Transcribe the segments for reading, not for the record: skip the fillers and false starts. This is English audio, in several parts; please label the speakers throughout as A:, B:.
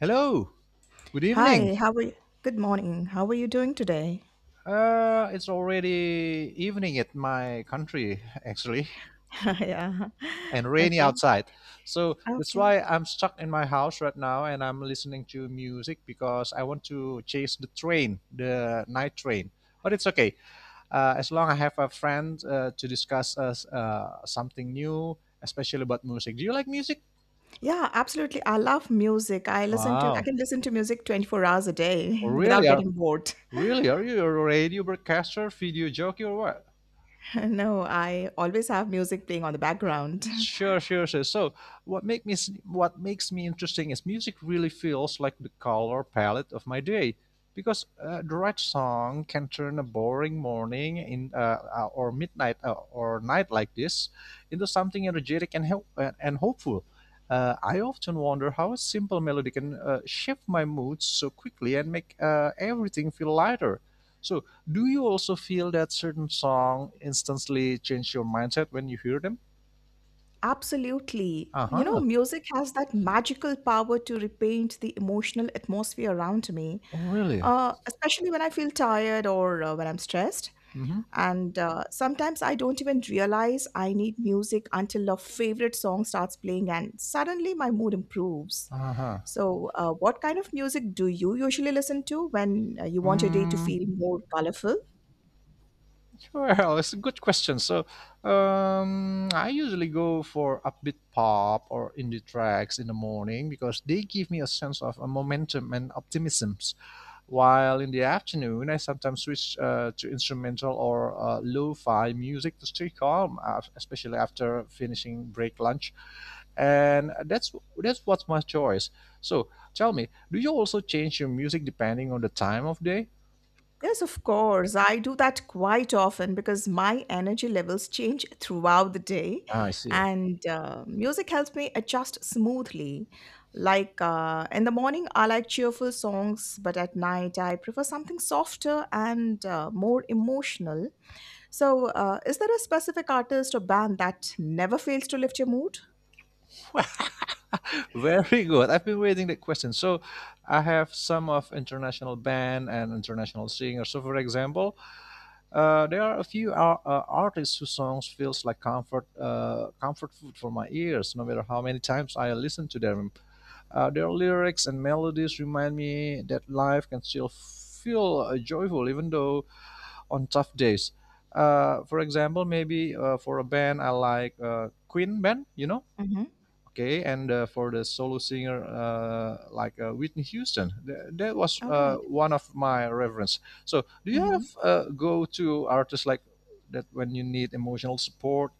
A: Hello, good evening.
B: Hi, how are you? Good morning. How are you doing today?
A: It's already evening at my country, actually,
B: Yeah.
A: and rainy
B: Okay.
A: outside. So that's
B: Okay.
A: why I'm stuck in my house right now and I'm listening to music because I want to chase the train, the night train. But it's okay. As long as I have a friend to discuss something new, especially about music. Do you like music?
B: Yeah, absolutely. I love music. I
A: Wow.
B: can listen to music 24 hours a day
A: Really?
B: without
A: Are,
B: getting bored.
A: Really? Are you a radio broadcaster, video jockey, or what?
B: No, I always have music playing on the background.
A: Sure, sure, sure. So, what make me what makes me interesting is music really feels like the color palette of my day, because the right song can turn a boring morning in or midnight or night like this into something energetic and help and hopeful. I often wonder how a simple melody can shift my mood so quickly and make everything feel lighter. So, do you also feel that certain song instantly change your mindset when you hear them?
B: Absolutely.
A: Uh
B: You know,
A: huh.
B: music has that magical power to repaint the emotional atmosphere around me,
A: Oh, really?
B: especially when I feel tired or when I'm stressed.
A: Mm-hmm.
B: And sometimes I don't even realize I need music until a favorite song starts playing and suddenly my mood improves.
A: Uh-huh.
B: So, what kind of music do you usually listen to when you want your day to
A: Mm.
B: feel more colorful?
A: Well, it's a good question. So, I usually go for upbeat pop or indie tracks in the morning because they give me a sense of momentum and optimism. While in the afternoon, I sometimes switch to instrumental or lo-fi music to stay calm, especially after finishing break lunch. And that's what's my choice. So, tell me, do you also change your music depending on the time of day?
B: Yes, of course. I do that quite often because my energy levels change throughout the day,
A: Ah, I see.
B: and music helps me adjust smoothly. Like in the morning, I like cheerful songs, but at night, I prefer something softer and more emotional. So, is there a specific artist or band that never fails to lift your mood?
A: Very good. I've been waiting that question. So I have some of international band and international singer. So for example, there are a few artists whose songs feels like comfort food for my ears. No matter how many times I listen to them, their lyrics and melodies remind me that life can still feel joyful even though on tough days. For example, maybe for a band I like Queen band, you know.
B: Mhm.
A: Okay, and for the solo singer like Whitney Houston, that was
B: All right.
A: one of my reference. So, do you
B: Hmm.
A: have go-to artists like that when you need emotional support?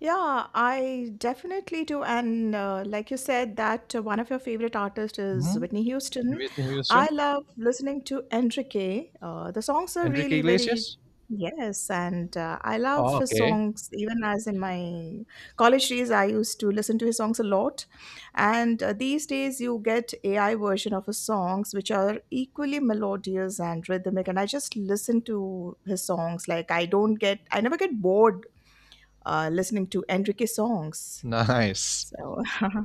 B: Yeah, I definitely do. And like you said, that one of your favorite artists is
A: Hmm.
B: Whitney Houston.
A: Whitney Houston,
B: I love listening to Enrique. The songs are
A: Enrique
B: really very,
A: Iglesias.
B: yes. And I
A: Oh,
B: love his
A: okay,
B: songs. Even as in my college days, I used to listen to his songs a lot. And these days, you get AI version of his songs, which are equally melodious and rhythmic. And I just listen to his songs. Like I don't get, I never get bored listening to Enrique songs.
A: nice.
B: So,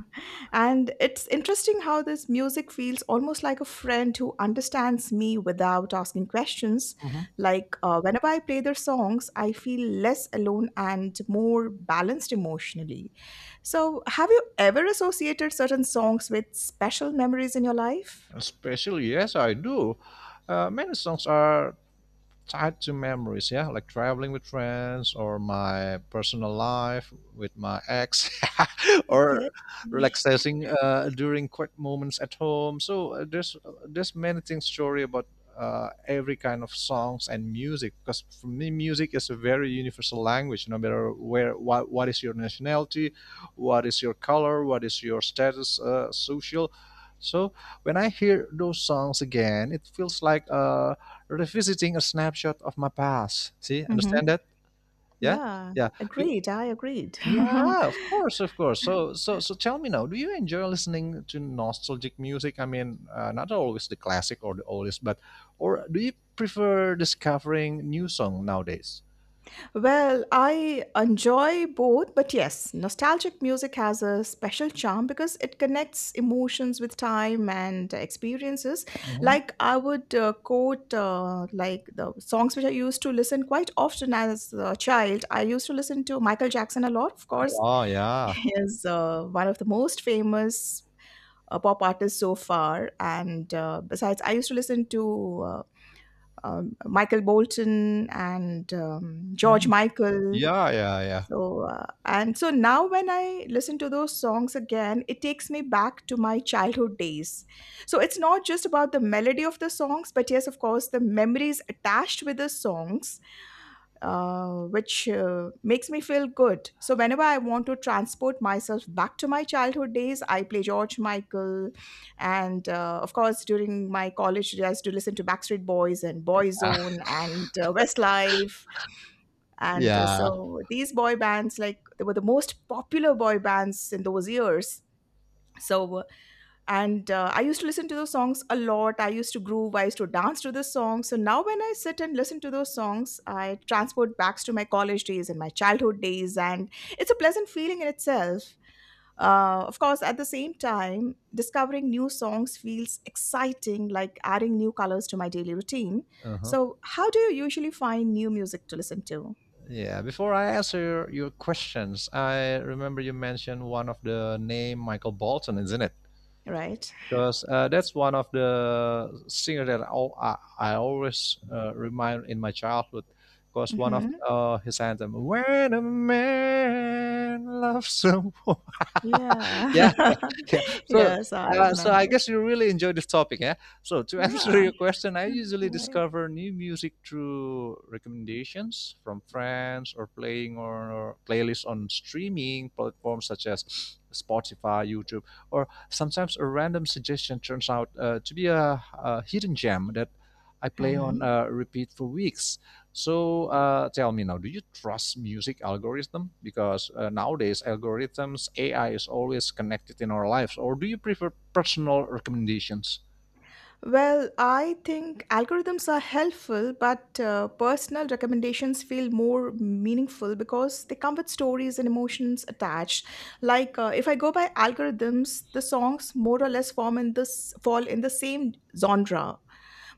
B: and it's interesting how this music feels almost like a friend who understands me without asking questions.
A: Hmm.
B: Like, whenever I play their songs, I feel less alone and more balanced emotionally. So, have you ever associated certain songs with special memories in your life?
A: Especially, yes, I do. Many songs are tied to memories, yeah, like traveling with friends or my personal life with my ex, or relaxing during quiet moments at home. So there's many things story about every kind of songs and music because for me music is a very universal language. No matter where what is your nationality, what is your color, what is your status social. So when I hear those songs again, it feels like revisiting a snapshot of my past. See,
B: Mhm.
A: understand that? Yeah,
B: Yeah,
A: yeah. Do-
B: agreed. I agreed.
A: yeah. Of course, of course. So, tell me now. Do you enjoy listening to nostalgic music? I mean, not always the classic or the oldest, but or do you prefer discovering new song nowadays?
B: Well, I enjoy both, but yes, nostalgic music has a special charm because it connects emotions with time and experiences.
A: Mhm.
B: Like I would quote, like the songs which I used to listen quite often as a child. I used to listen to Michael Jackson a lot, of course,
A: Oh yeah,
B: is one of the most famous pop artists so far. And besides, I used to listen to Michael Bolton and George Michael.
A: yeah, yeah,
B: So, and so now when I listen to those songs again, it takes me back to my childhood days. So, it's not just about the melody of the songs, but yes, of course, the memories attached with the songs, which makes me feel good. So, whenever I want to transport myself back to my childhood days, I play George Michael. And of course, during my college, I used to listen to Backstreet Boys and
A: yeah.
B: Boyzone and Westlife and
A: Yeah.
B: so these boy bands, like, they were the most popular boy bands in those years. So, and I used to listen to those songs a lot. I used to groove, I used to dance to the songs. So now, when I sit and listen to those songs, I transport back to my college days and my childhood days. And it's a pleasant feeling in itself. Of course, at the same time, discovering new songs feels exciting, like adding new colors to my daily routine.
A: Uh huh.
B: So, how do you usually find new music to listen to?
A: Yeah, before I answer your questions, I remember you mentioned one of the name Michael Bolton, isn't it?
B: Right.
A: Because that's one of the singer that I always remind in my childhood. Because one of
B: Hmm.
A: his anthem, "When a man loves someone,"
B: Yeah.
A: yeah, yeah. So,
B: Yes, I
A: so I
B: remember.
A: guess you really enjoy this topic, yeah. So, to answer
B: Yeah.
A: your question, I usually
B: Okay.
A: discover new music through recommendations from friends or playing or playlists on streaming platforms such as Spotify, YouTube, or sometimes a random suggestion turns out to be a hidden gem that I play on
B: Mm-hmm.
A: repeat for weeks. So tell me now, do you trust music algorithm? Because nowadays algorithms, AI is always connected in our lives. Or do you prefer personal recommendations?
B: Well, I think algorithms are helpful, but personal recommendations feel more meaningful because they come with stories and emotions attached. Like if I go by algorithms, the songs more or less form in this fall in the same genre.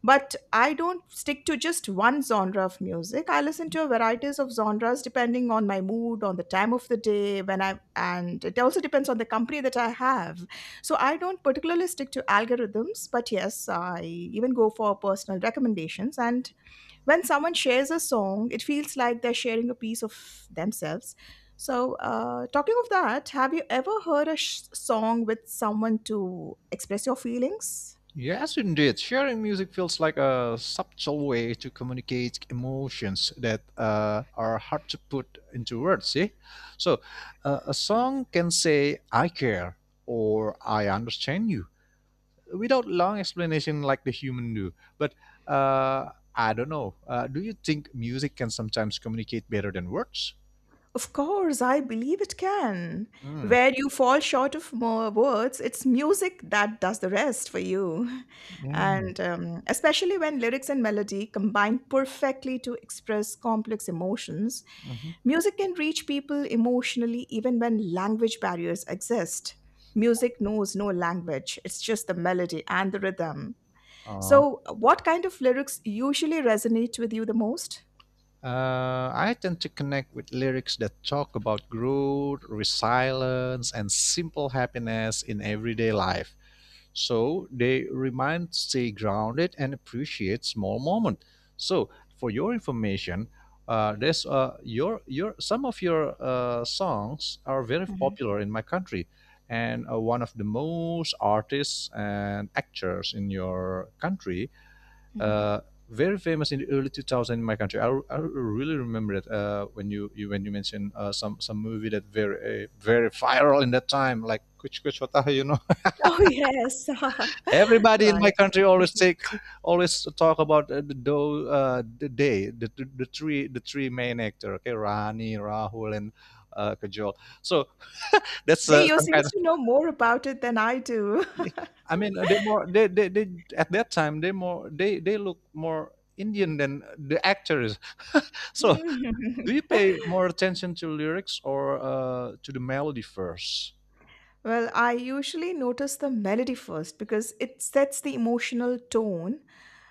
B: But I don't stick to just one genre of music. I listen to a varieties of genres depending on my mood, on the time of the day, when I and it also depends on the company that I have. So I don't particularly stick to algorithms, but yes, I even go for personal recommendations. And when someone shares a song, it feels like they're sharing a piece of themselves. So, talking of that, have you ever heard a song with someone to express your feelings?
A: Yes, indeed. Sharing music feels like a subtle way to communicate emotions that are hard to put into words. See, so a song can say "I care" or "I understand you," without long explanation like the human do. But I don't know. Do you think music can sometimes communicate better than words?
B: Of course, I believe it can.
A: Mm,
B: Where you fall short of more words, it's music that does the rest for you.
A: yeah.
B: And especially when lyrics and melody combine perfectly to express complex emotions,
A: Mhm.
B: music can reach people emotionally even when language barriers exist. Music knows no language, it's just the melody and the rhythm.
A: Aw.
B: So, what kind of lyrics usually resonate with you the most?
A: I tend to connect with lyrics that talk about growth, resilience, and simple happiness in everyday life. So they remind stay grounded and appreciate small moment. So for your information, there's your some of your songs are very
B: Mhm,
A: popular in my country, and one of the most artists and actors in your country,
B: mhm.
A: uh, very famous in the early 2000 in my country. I really remember it when you when you mentioned some movie that very very viral in that time, like Kuch Kuch Hota Hai, you know.
B: Oh, yes.
A: Everybody in my
B: Right.
A: country always talk about the do, the day, the three main actor. Okay, Rani, Rahul, and Kajol. So that's
B: Yeah, you
A: some kind
B: seems
A: of.
B: to know more about it than I do.
A: I mean, they more they at that time they more they look more Indian than the actors. So
B: Mhm.
A: do you pay more attention to lyrics or to the melody first?
B: Well, I usually notice the melody first because it sets the emotional tone.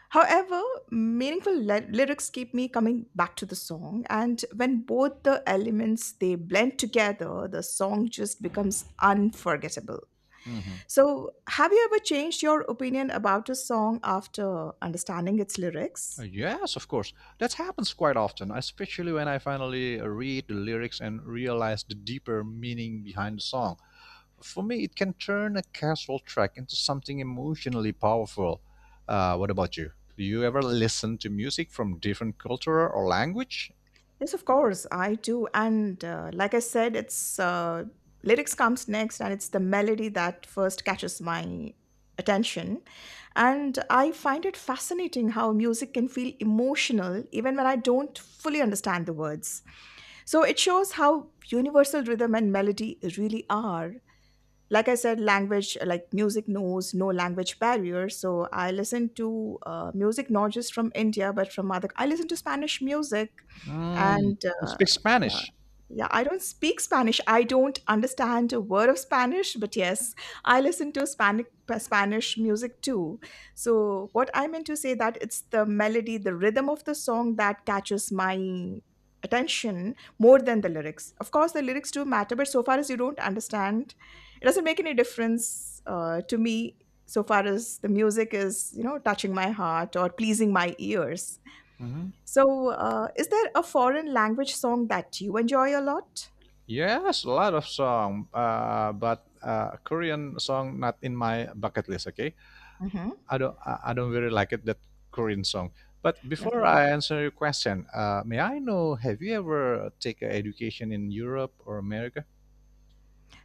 B: However, meaningful lyrics keep me coming back to the song, and when both the elements they blend together, the song just becomes unforgettable.
A: Mhm.
B: So, have you ever changed your opinion about a song after understanding its lyrics?
A: Yes, of course. That happens quite often, especially when I finally read the lyrics and realize the deeper meaning behind the song. For me, it can turn a casual track into something emotionally powerful. What about you? Do you ever listen to music from different culture or language?
B: Yes, of course, I do. And like I said, it's lyrics comes next, and it's the melody that first catches my attention. And I find it fascinating how music can feel emotional even when I don't fully understand the words. So it shows how universal rhythm and melody really are. Like I said, language like music knows no language barrier. So I listen to music not just from India, but from other, I listen to Spanish music.
A: Mm,
B: And
A: you speak
B: yeah,
A: Spanish.
B: yeah, I don't speak Spanish. I don't understand a word of Spanish, but yes, I listen to Spanish music too. So what I meant to say that it's the melody, the rhythm of the song that catches my attention more than the lyrics. Of course, the lyrics do matter, but so far as you don't understand, it doesn't make any difference to me. So far as the music is, you know, touching my heart or pleasing my ears.
A: Hmm.
B: So, is there a foreign language song that you enjoy a lot?
A: Yes, a lot of song, but Korean song not in my bucket list. Okay,
B: Mhm.
A: I don't really like it that Korean song. But before
B: Okay.
A: I answer your question, may I know have you ever take a education in Europe or America?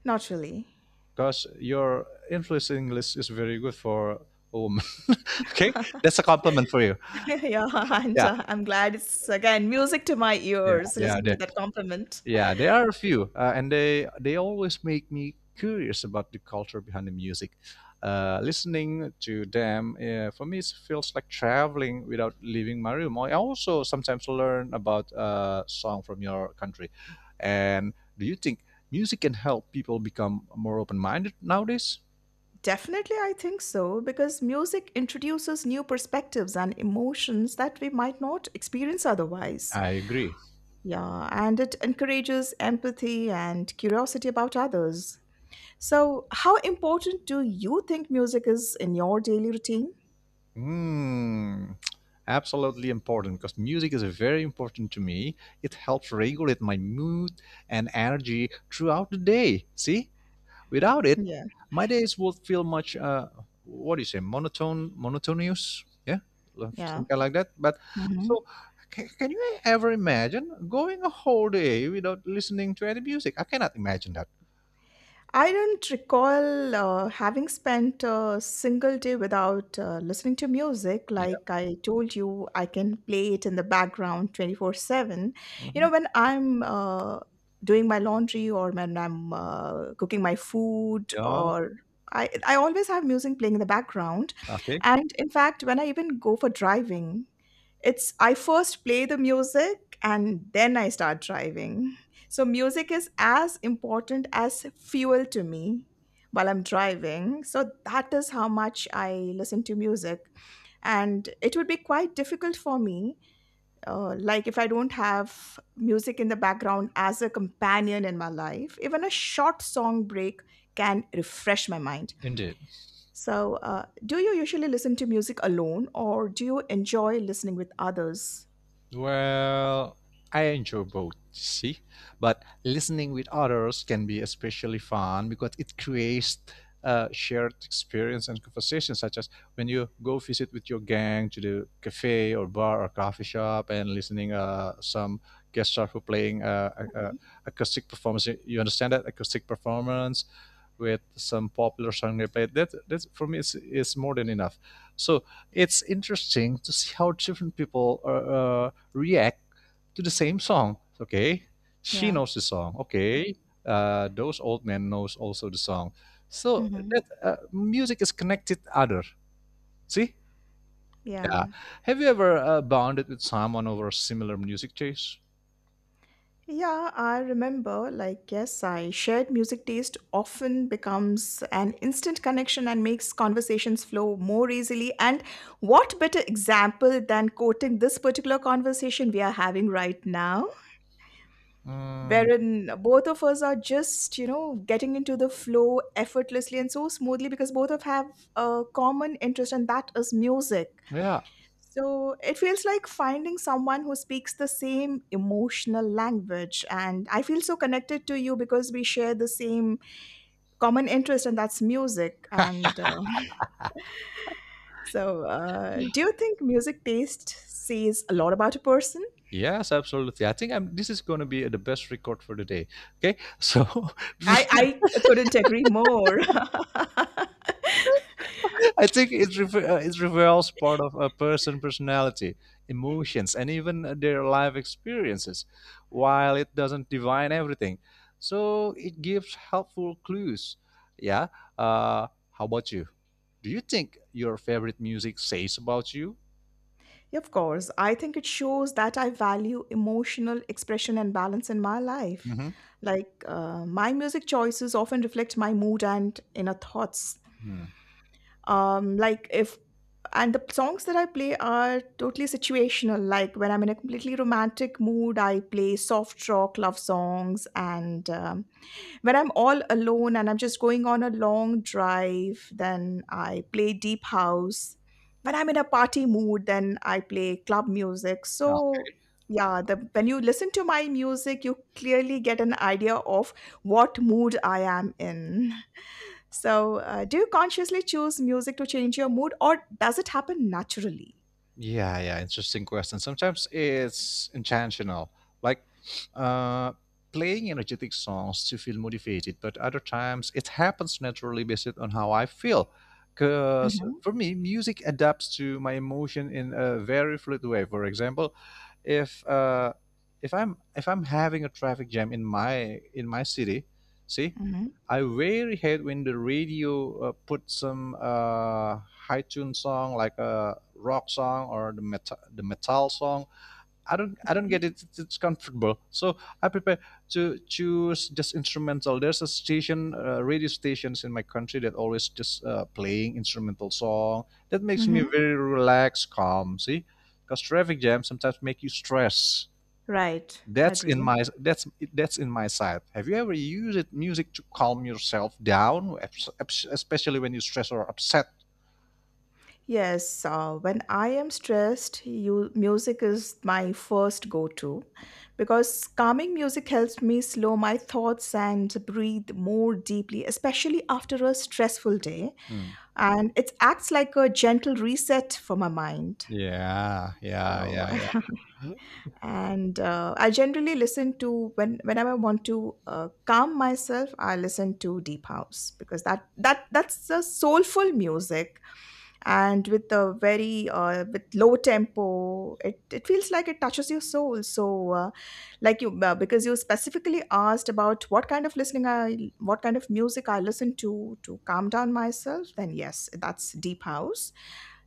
B: Not really.
A: Because your influence in English is very good for a woman. Okay, that's a compliment for you.
B: Yeah, and
A: Yeah,
B: I'm glad it's again music to my
A: yeah,
B: ears
A: yeah.
B: listening to that compliment.
A: Yeah, there are a few, and they always make me curious about the culture behind the music. Listening to them for me it feels like traveling without leaving my room. I also sometimes learn about a song from your country. And do you think music can help people become more open minded nowadays?
B: Definitely, I think so, because music introduces new perspectives and emotions that we might not experience otherwise.
A: I agree.
B: Yeah, and it encourages empathy and curiosity about others. So, how important do you think music is in your daily routine?
A: Mm, absolutely important because music is very important to me. It helps regulate my mood and energy throughout the day. See, without it,
B: Yeah,
A: my days would feel much, what do you say, monotone, monotonous? Yeah,
B: yeah.
A: something like that. But so, can you ever imagine going a whole day without listening to any music? I cannot imagine that.
B: I don't recall having spent a single day without listening to music.
A: Yeah.
B: Like I told you, I can play it in the background 24/7. You
A: Hmm.
B: know, when I'm doing my laundry or when I'm cooking my food
A: Yeah.
B: or I always have music playing in the background.
A: Okay.
B: And in fact, when I even go for driving, it's I first play the music and then I start driving. So music is as important as fuel to me while I'm driving. So that is how much I listen to music and it would be quite difficult for me like if I don't have music in the background as a companion in my life, even a short song break can refresh my mind.
A: Indeed.
B: So, do you usually listen to music alone or do you enjoy listening with others?
A: Well, I enjoy both, see, but listening with others can be especially fun because it creates shared experience and conversation, such as when you go visit with your gang to the cafe or bar or coffee shop and listening some guest star who playing
B: Mhm.
A: acoustic performance. You understand that acoustic performance with some popular song they played. That for me is more than enough. So it's interesting to see how different people are. Uh, React to the same song. Okay, she
B: Yeah.
A: knows the song. Okay, those old men knows also the song. So
B: Hmm.
A: that music is connected other. See, yeah.
B: Yeah.
A: Have you ever bonded with someone over similar music taste?
B: Yeah, I remember, like, yes, I shared music taste often becomes an instant connection and makes conversations flow more easily. And what better example than quoting this particular conversation we are having right now,
A: Mm,
B: wherein both of us are just, getting into the flow effortlessly and so smoothly because both of have a common interest, and that is music.
A: yeah.
B: So it feels like finding someone who speaks the same emotional language. And I feel so connected to you because we share the same common interest, and that's music. And so, do you think music taste says a lot about a person?
A: Yes, absolutely. This is going to be the best record for the day. Okay, so
B: I couldn't agree more.
A: I think it it reveals part of a person personality, emotions, and even their life experiences, while it doesn't define everything. So it gives helpful clues. Yeah. How about you? Do you think your favorite music says about you?
B: Yeah, of course, I think it shows that I value emotional expression and balance in my life. Like my music choices often reflect my mood and inner thoughts.
A: Mm-hmm.
B: Like if and the songs that I play are totally situational. Like when I'm in a completely romantic mood, I play soft rock, love songs, and when I'm all alone and I'm just going on a long drive, then I play deep house. When I'm in a party mood, then I play club music. So, yeah, when you listen to my music, you clearly get an idea of what mood I am in. So, do you consciously choose music to change your mood, or does it happen naturally?
A: Yeah, yeah, interesting question. Sometimes it's intentional, like uh, playing energetic songs to feel motivated, but other times it happens naturally based on how I feel. Because
B: Mhm,
A: for me, music adapts to my emotion in a very fluid way. For example, if uh, if I'm having a traffic jam in my city, see,
B: mhm,
A: I really hate when the radio put some high tune song like a rock song or the metal song. I don't get
B: okay.
A: it. It's comfortable. So I prefer to choose just instrumental. There's a station, radio stations in my country that always just playing instrumental song. That makes me
B: Mhm.
A: very relaxed, calm. See, because traffic jams sometimes make you stress.
B: Right, I
A: That's in
B: agree.
A: my that's that's in my side. Have you ever used it, music to calm yourself down, especially when you're stressed or upset?
B: Yes, when I am stressed, music is my first go to because calming music helps me slow my thoughts and breathe more deeply, especially after a stressful day.
A: Hmm.
B: And it acts like a gentle reset for my mind.
A: Yeah, yeah,
B: So,
A: yeah, yeah.
B: and I generally listen to whenever I want to calm myself, I listen to deep house because that's a soulful music and with a very with low tempo, it feels like it touches your soul. So, like you because you specifically asked about what kind of music I listen to calm down myself, then yes, that's deep house.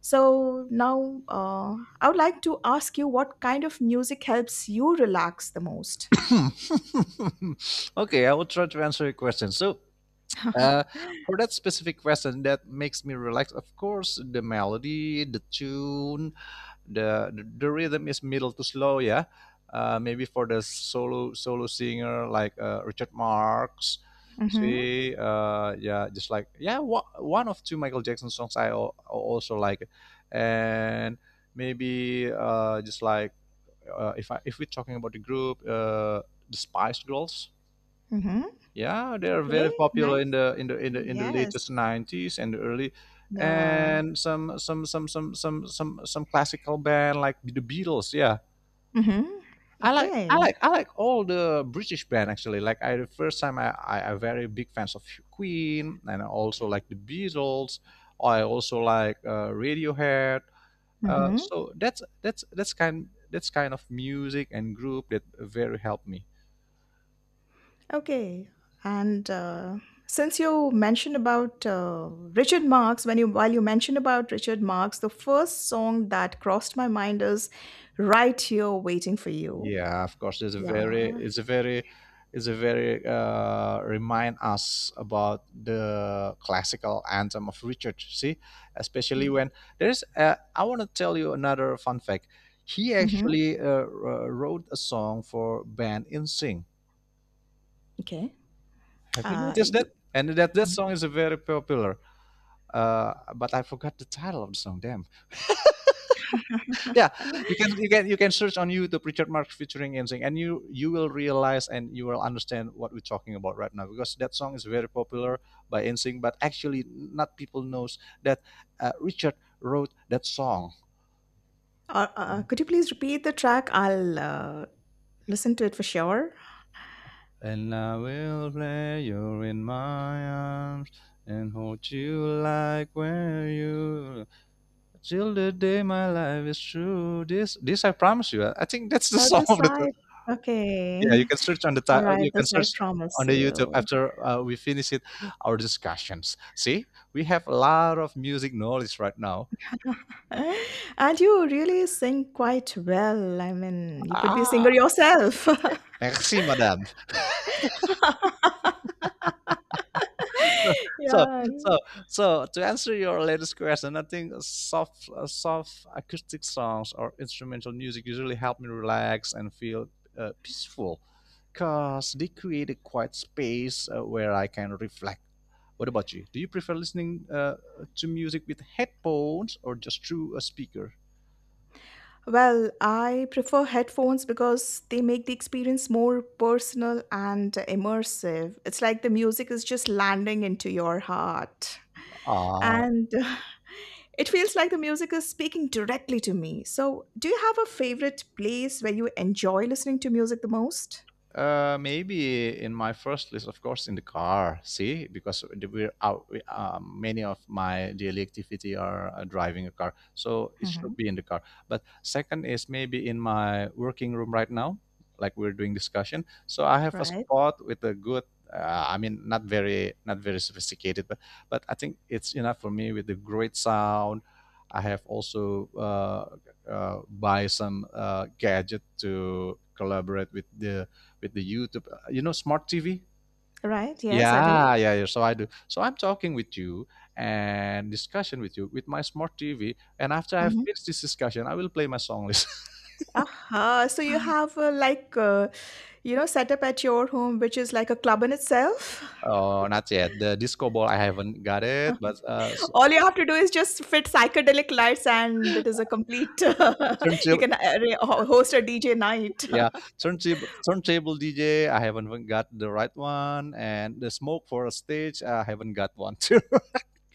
B: So now I would like to ask you, what kind of music helps you relax the most?
A: Okay, I will try to answer your question. So, Uh, for that specific question that makes me relax, of course, the melody, the tune, the rhythm is middle to slow, yeah. Maybe for the solo singer like Richard Marx,
B: Mm-hmm.
A: see, yeah, just like yeah, one of two Michael Jackson songs I also like, and maybe just like if we're talking about the group, the Spice Girls.
B: Mm-hmm.
A: Yeah, they are very
B: Okay.
A: popular
B: Nice.
A: in the
B: Yes.
A: latest nineties and the early,
B: Yeah.
A: and some classical band like the Beatles. Yeah,
B: Mm-hmm. Okay.
A: I like all the British band actually. Like I the first time I very big fans of Queen, and I also like the Beatles. I also like Radiohead,
B: Mm-hmm.
A: so that's kind of music and group that very helped me.
B: Okay, and since you mentioned about Richard Marx, when you while you mentioned about Richard Marx, the first song that crossed my mind is "Right Here Waiting for You."
A: Yeah, of course. It's a
B: Yeah,
A: very, it's a very remind us about the classical anthem of Richard. See, especially
B: yeah.
A: when there's. I want to tell you another fun fact. He
B: Hmm.
A: actually wrote a song for band in InSync.
B: Okay.
A: Have you noticed that?
B: You
A: And that
B: Mhm.
A: song is a very popular. But I forgot the title of the song. Damn. Yeah, you can search on YouTube Richard Marx featuring Ensing, and you will realize and you will understand what we're talking about right now, because that song is very popular by Ensing, but actually not people knows that Richard wrote that song.
B: Could you please repeat the track? I'll listen to it for sure.
A: And I will play you in my arms and hold you like where you till the day my life is true, this I promise you. I think that's the song
B: Other
A: of the.
B: side.
A: Yeah, you
B: Okay.
A: can search on the
B: All right.
A: you can
B: This I
A: search
B: promise
A: on the YouTube
B: you.
A: after we finish it, our discussions. See, we have a lot of music knowledge right now.
B: And you really sing quite well. I mean, you could be a singer
A: Ah,
B: yourself.
A: okay. Merci madame. so
B: Yeah.
A: so so to answer your latest question, I think soft soft acoustic songs or instrumental music usually help me relax and feel peaceful, because they create a quiet space where I can reflect. What about you? Do you prefer listening to music with headphones or just through a speaker?
B: Well, I prefer headphones because they make the experience more personal and immersive. It's like the music is just landing into your heart.
A: Ah.
B: And it feels like the music is speaking directly to me. So, do you have a favorite place where you enjoy listening to music the most?
A: Maybe in my first list, of course, in the car. See, because we're out. We, many of my daily activity are driving a car, so it
B: Mm-hmm.
A: should be in the car. But second is maybe in my working room right now, like we're doing discussion. So I have a
B: Right,
A: spot with a good. I mean, not very sophisticated, but I think it's enough for me with the great sound. I have also buy some gadget to collaborate with the YouTube, you know, smart TV.
B: right. Yes, I do.
A: Yeah, yeah, yeah. So I do. So I'm talking with you and discussion with you with my smart TV. And after I've
B: Mhm.
A: finished this discussion, I will play my song list.
B: Aha. So you have like you know, set up at your home, which is like a club in itself.
A: oh, not yet. The disco ball, I haven't got it. But
B: All you have to do is just fit psychedelic lights, and it is a complete. You
A: turntable,
B: can host a DJ night.
A: yeah, turntable DJ, I haven't even got the right one. And the smoke for a stage, I haven't got one too.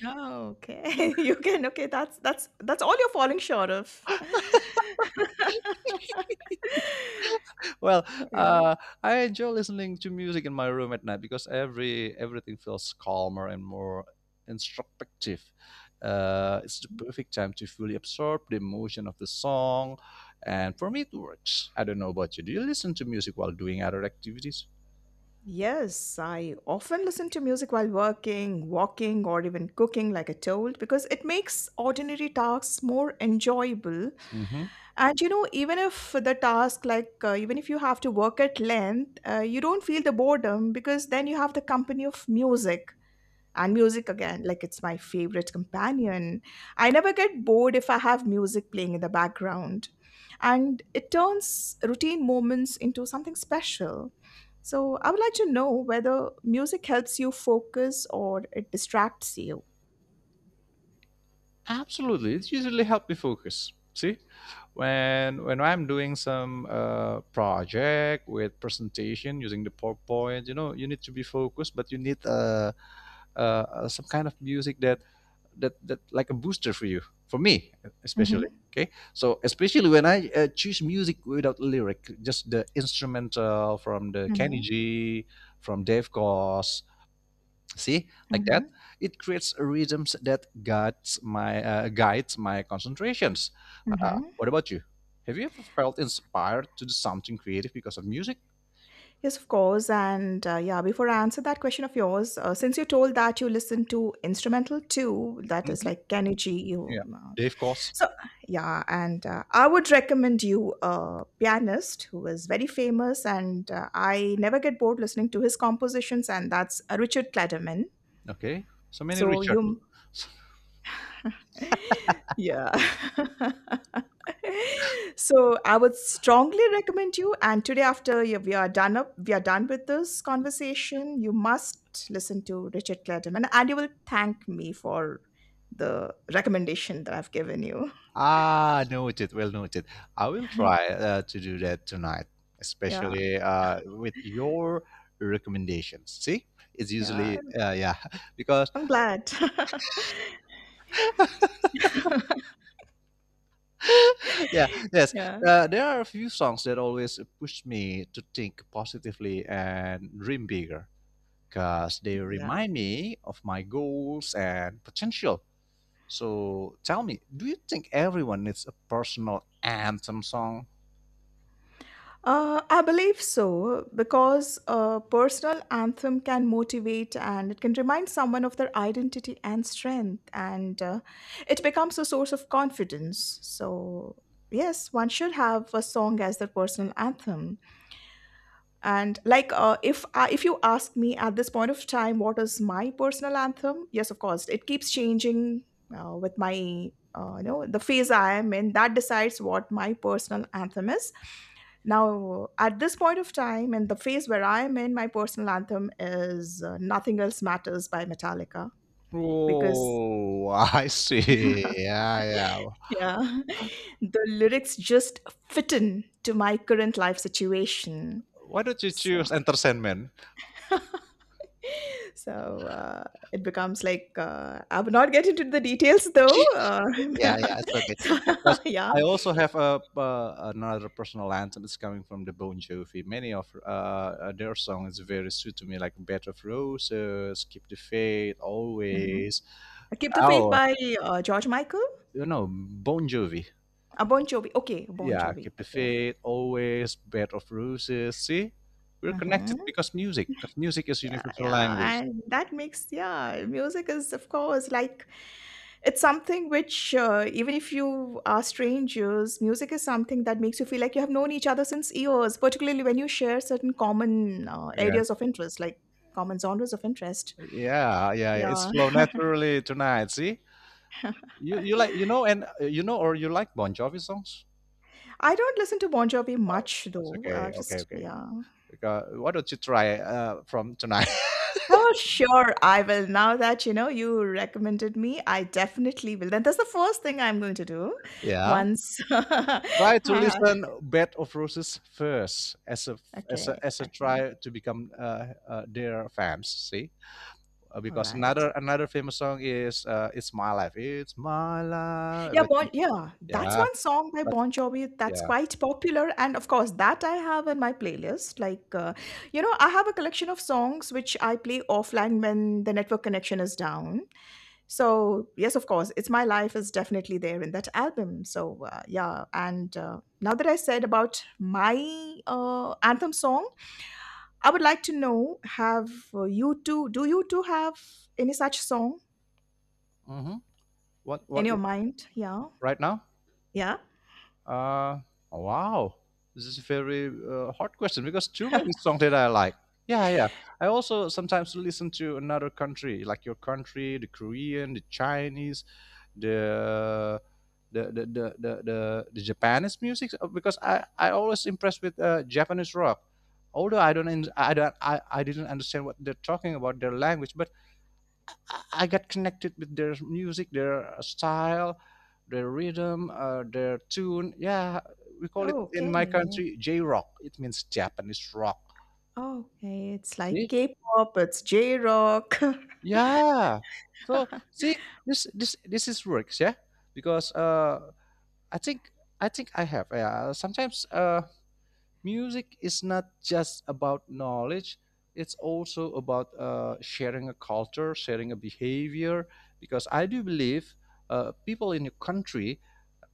B: Oh, okay. You can. Okay, that's all you're falling short of.
A: Well,
B: Yeah.
A: uh, I enjoy listening to music in my room at night, because everything feels calmer and more introspective. It's the perfect time to fully absorb the emotion of the song, and for me, it works. I don't know about you. Do you listen to music while doing other activities?
B: Yes, I often listen to music while working, walking, or even cooking, like I told, because it makes ordinary tasks more enjoyable. And you know, even if the task, like even if you have to work at length, you don't feel the boredom because then you have the company of music. And music again, like it's my favorite companion. I never get bored if I have music playing in the background. And it turns routine moments into something special. So I would like to know whether music helps you focus or it distracts you.
A: Absolutely, it's usually help me focus. See, when I'm doing some project with presentation using the PowerPoint, you know, you need to be focused, but you need some kind of music that that like a booster for you, for me especially.
B: Mhm,
A: Okay, so especially when I choose music without lyric, just the instrumental from the Kenny
B: mhm,
A: G, from Dave Koz. See, like
B: mhm,
A: that, it creates rhythms that guides my concentrations. Uh, uh,
B: mhm.
A: what about you? Have you ever felt inspired to do something creative because of music?
B: Yes, of course. And yeah, before I answer that question of yours, since you told that you listen to instrumental too, that is
A: Hmm.
B: like Kenny G,
A: Yeah, Dave Koz.
B: so, yeah, and I would recommend you a pianist who is very famous, and I never get bored listening to his compositions, and that's Richard Clayderman.
A: Okay, so many
B: So,
A: Richard.
B: you, yeah. So, I would strongly recommend you. And today, we are done up, we are done with this conversation, you must listen to Richard Clayderman, and you will thank me for the recommendation that I've given you.
A: Ah, noted. Well noted. I will try to do that tonight,
B: Yeah,
A: especially with your recommendations. See, it's
B: yeah.
A: usually yeah, because
B: I'm glad.
A: yeah, yes,
B: Yeah.
A: there are a few songs that always push me to think positively and dream bigger, because they
B: Yeah.
A: remind me of my goals and potential. So tell me, do you think everyone needs a personal anthem song?
B: I believe so because a personal anthem can motivate and it can remind someone of their identity and strength, and it becomes a source of confidence. So, yes, one should have a song as their personal anthem. And like if you ask me at this point of time what is my personal anthem, yes, of course it keeps changing, with my you know, the phase I am in, that decides what my personal anthem is. Now at this point of time, in the phase where I am in, my personal anthem is "Nothing Else Matters" by Metallica, because
A: Oh, I see. Yeah, yeah.
B: yeah, the lyrics just fit in to my current life situation.
A: Why don't you
B: So
A: choose entertainment?
B: so uh, it becomes like I will not get into the details though.
A: Yeah, yeah, it's okay.
B: So,
A: Because
B: yeah.
A: I also have a another personal anthem. It's coming from the Bon Jovi. Many of their songs is very sweet to me, like "Bed of Roses," "Keep the Faith,"
B: Hmm.
A: "Always."
B: Keep the Faith
A: Oh,
B: by George Michael.
A: you know Bon Jovi.
B: Bon Jovi. Okay, Bon
A: Yeah,
B: Jovi.
A: "Keep the
B: Okay.
A: Faith," "Always," "Bed of Roses." See, we're
B: Hmm.
A: connected because music. Because music is
B: Yeah,
A: universal
B: yeah.
A: language.
B: And that makes, yeah, music is, of course, like it's something which, even if you are strangers, music is something that makes you feel like you have known each other since years, particularly when you share certain common
A: Yeah,
B: areas of interest, like common genres of interest.
A: yeah, yeah, yeah. It's
B: Yeah.
A: flow naturally tonight. See, you like you know and you know or you like Bon Jovi songs?
B: I don't listen to Bon Jovi much
A: That's
B: though.
A: okay. Okay,
B: Just
A: okay.
B: yeah.
A: Because why don't you try from tonight?
B: Oh, sure, I will. Now that you know you recommended me, I definitely will. Then that's the first thing I'm going to do.
A: yeah.
B: Once.
A: Try to listen Bed of Roses first as a as a
B: Okay.
A: as a
B: Okay.
A: try to become their fans. See.
B: All
A: Because
B: right.
A: another famous song is "It's My Life." It's my life.
B: Yeah,
A: But,
B: bon, yeah, that's
A: yeah,
B: one song by
A: but
B: Bon Jovi that's
A: yeah.
B: quite popular, and of course that I have in my playlist. Like, you know, I have a collection of songs which I play offline when the network connection is down. So, yes, of course, It's My Life is definitely there in that album. So, yeah. And now that I said about my anthem song, I would like to know, do you two have any such song
A: Mm-hmm.
B: in
A: What
B: your mind? Yeah.
A: right now?
B: Yeah.
A: Uh, wow, this is a very hard question because too many songs that I like. Yeah, yeah. I also sometimes listen to another country, like your country, the Korean, the Chinese, the the Japanese music because I always impressed with Japanese rock. Although I don't, in- I don't, I didn't understand what they're talking about their language, but I got connected with their music, their style, their rhythm, their tune. Yeah, we call it in my
B: Okay.
A: country J rock. It means Japanese rock.
B: Okay. It's like
A: See?
B: K pop, it's J rock.
A: Yeah. So see, this is works, yeah, because I think I think I have. Yeah, sometimes music is not just about knowledge. It's also about sharing a culture, sharing a behavior. Because I do believe people in your country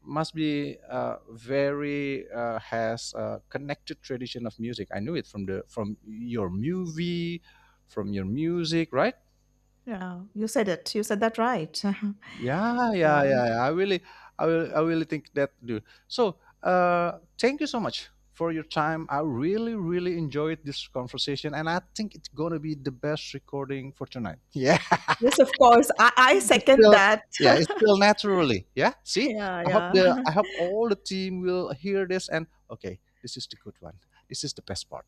A: must be very has a connected tradition of music. I knew it from the from your movie, from your music, right?
B: Yeah, you said it. You said that right.
A: Yeah, yeah,
B: Yeah.
A: yeah, yeah. I really, I really think that do. So, thank you so much for your time. I really, really enjoyed this conversation, and I think it's gonna be the best recording for tonight. Yeah.
B: Yes, of course. I
A: It
B: second
A: feel
B: that.
A: yeah, it feel naturally. Yeah, see,
B: Yeah, yeah.
A: I hope all the team will hear this and okay, this is the good one. This is the best part.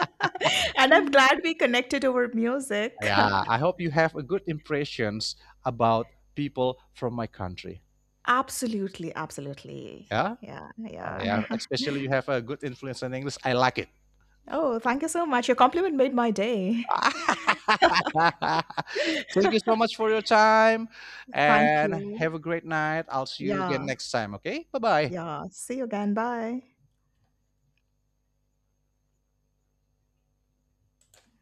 B: And I'm glad we connected over music.
A: Yeah, I hope you have a good impressions about people from my country.
B: Absolutely, absolutely.
A: Yeah,
B: Yeah, yeah.
A: Yeah, especially you have a good influence in English. I like it.
B: Oh, thank you so much. Your compliment made my day.
A: Thank you so much for your time
B: Thank
A: and
B: you.
A: have a great night. I'll see you again
B: Yeah,
A: next time. Okay, bye bye.
B: yeah. See you again. Bye.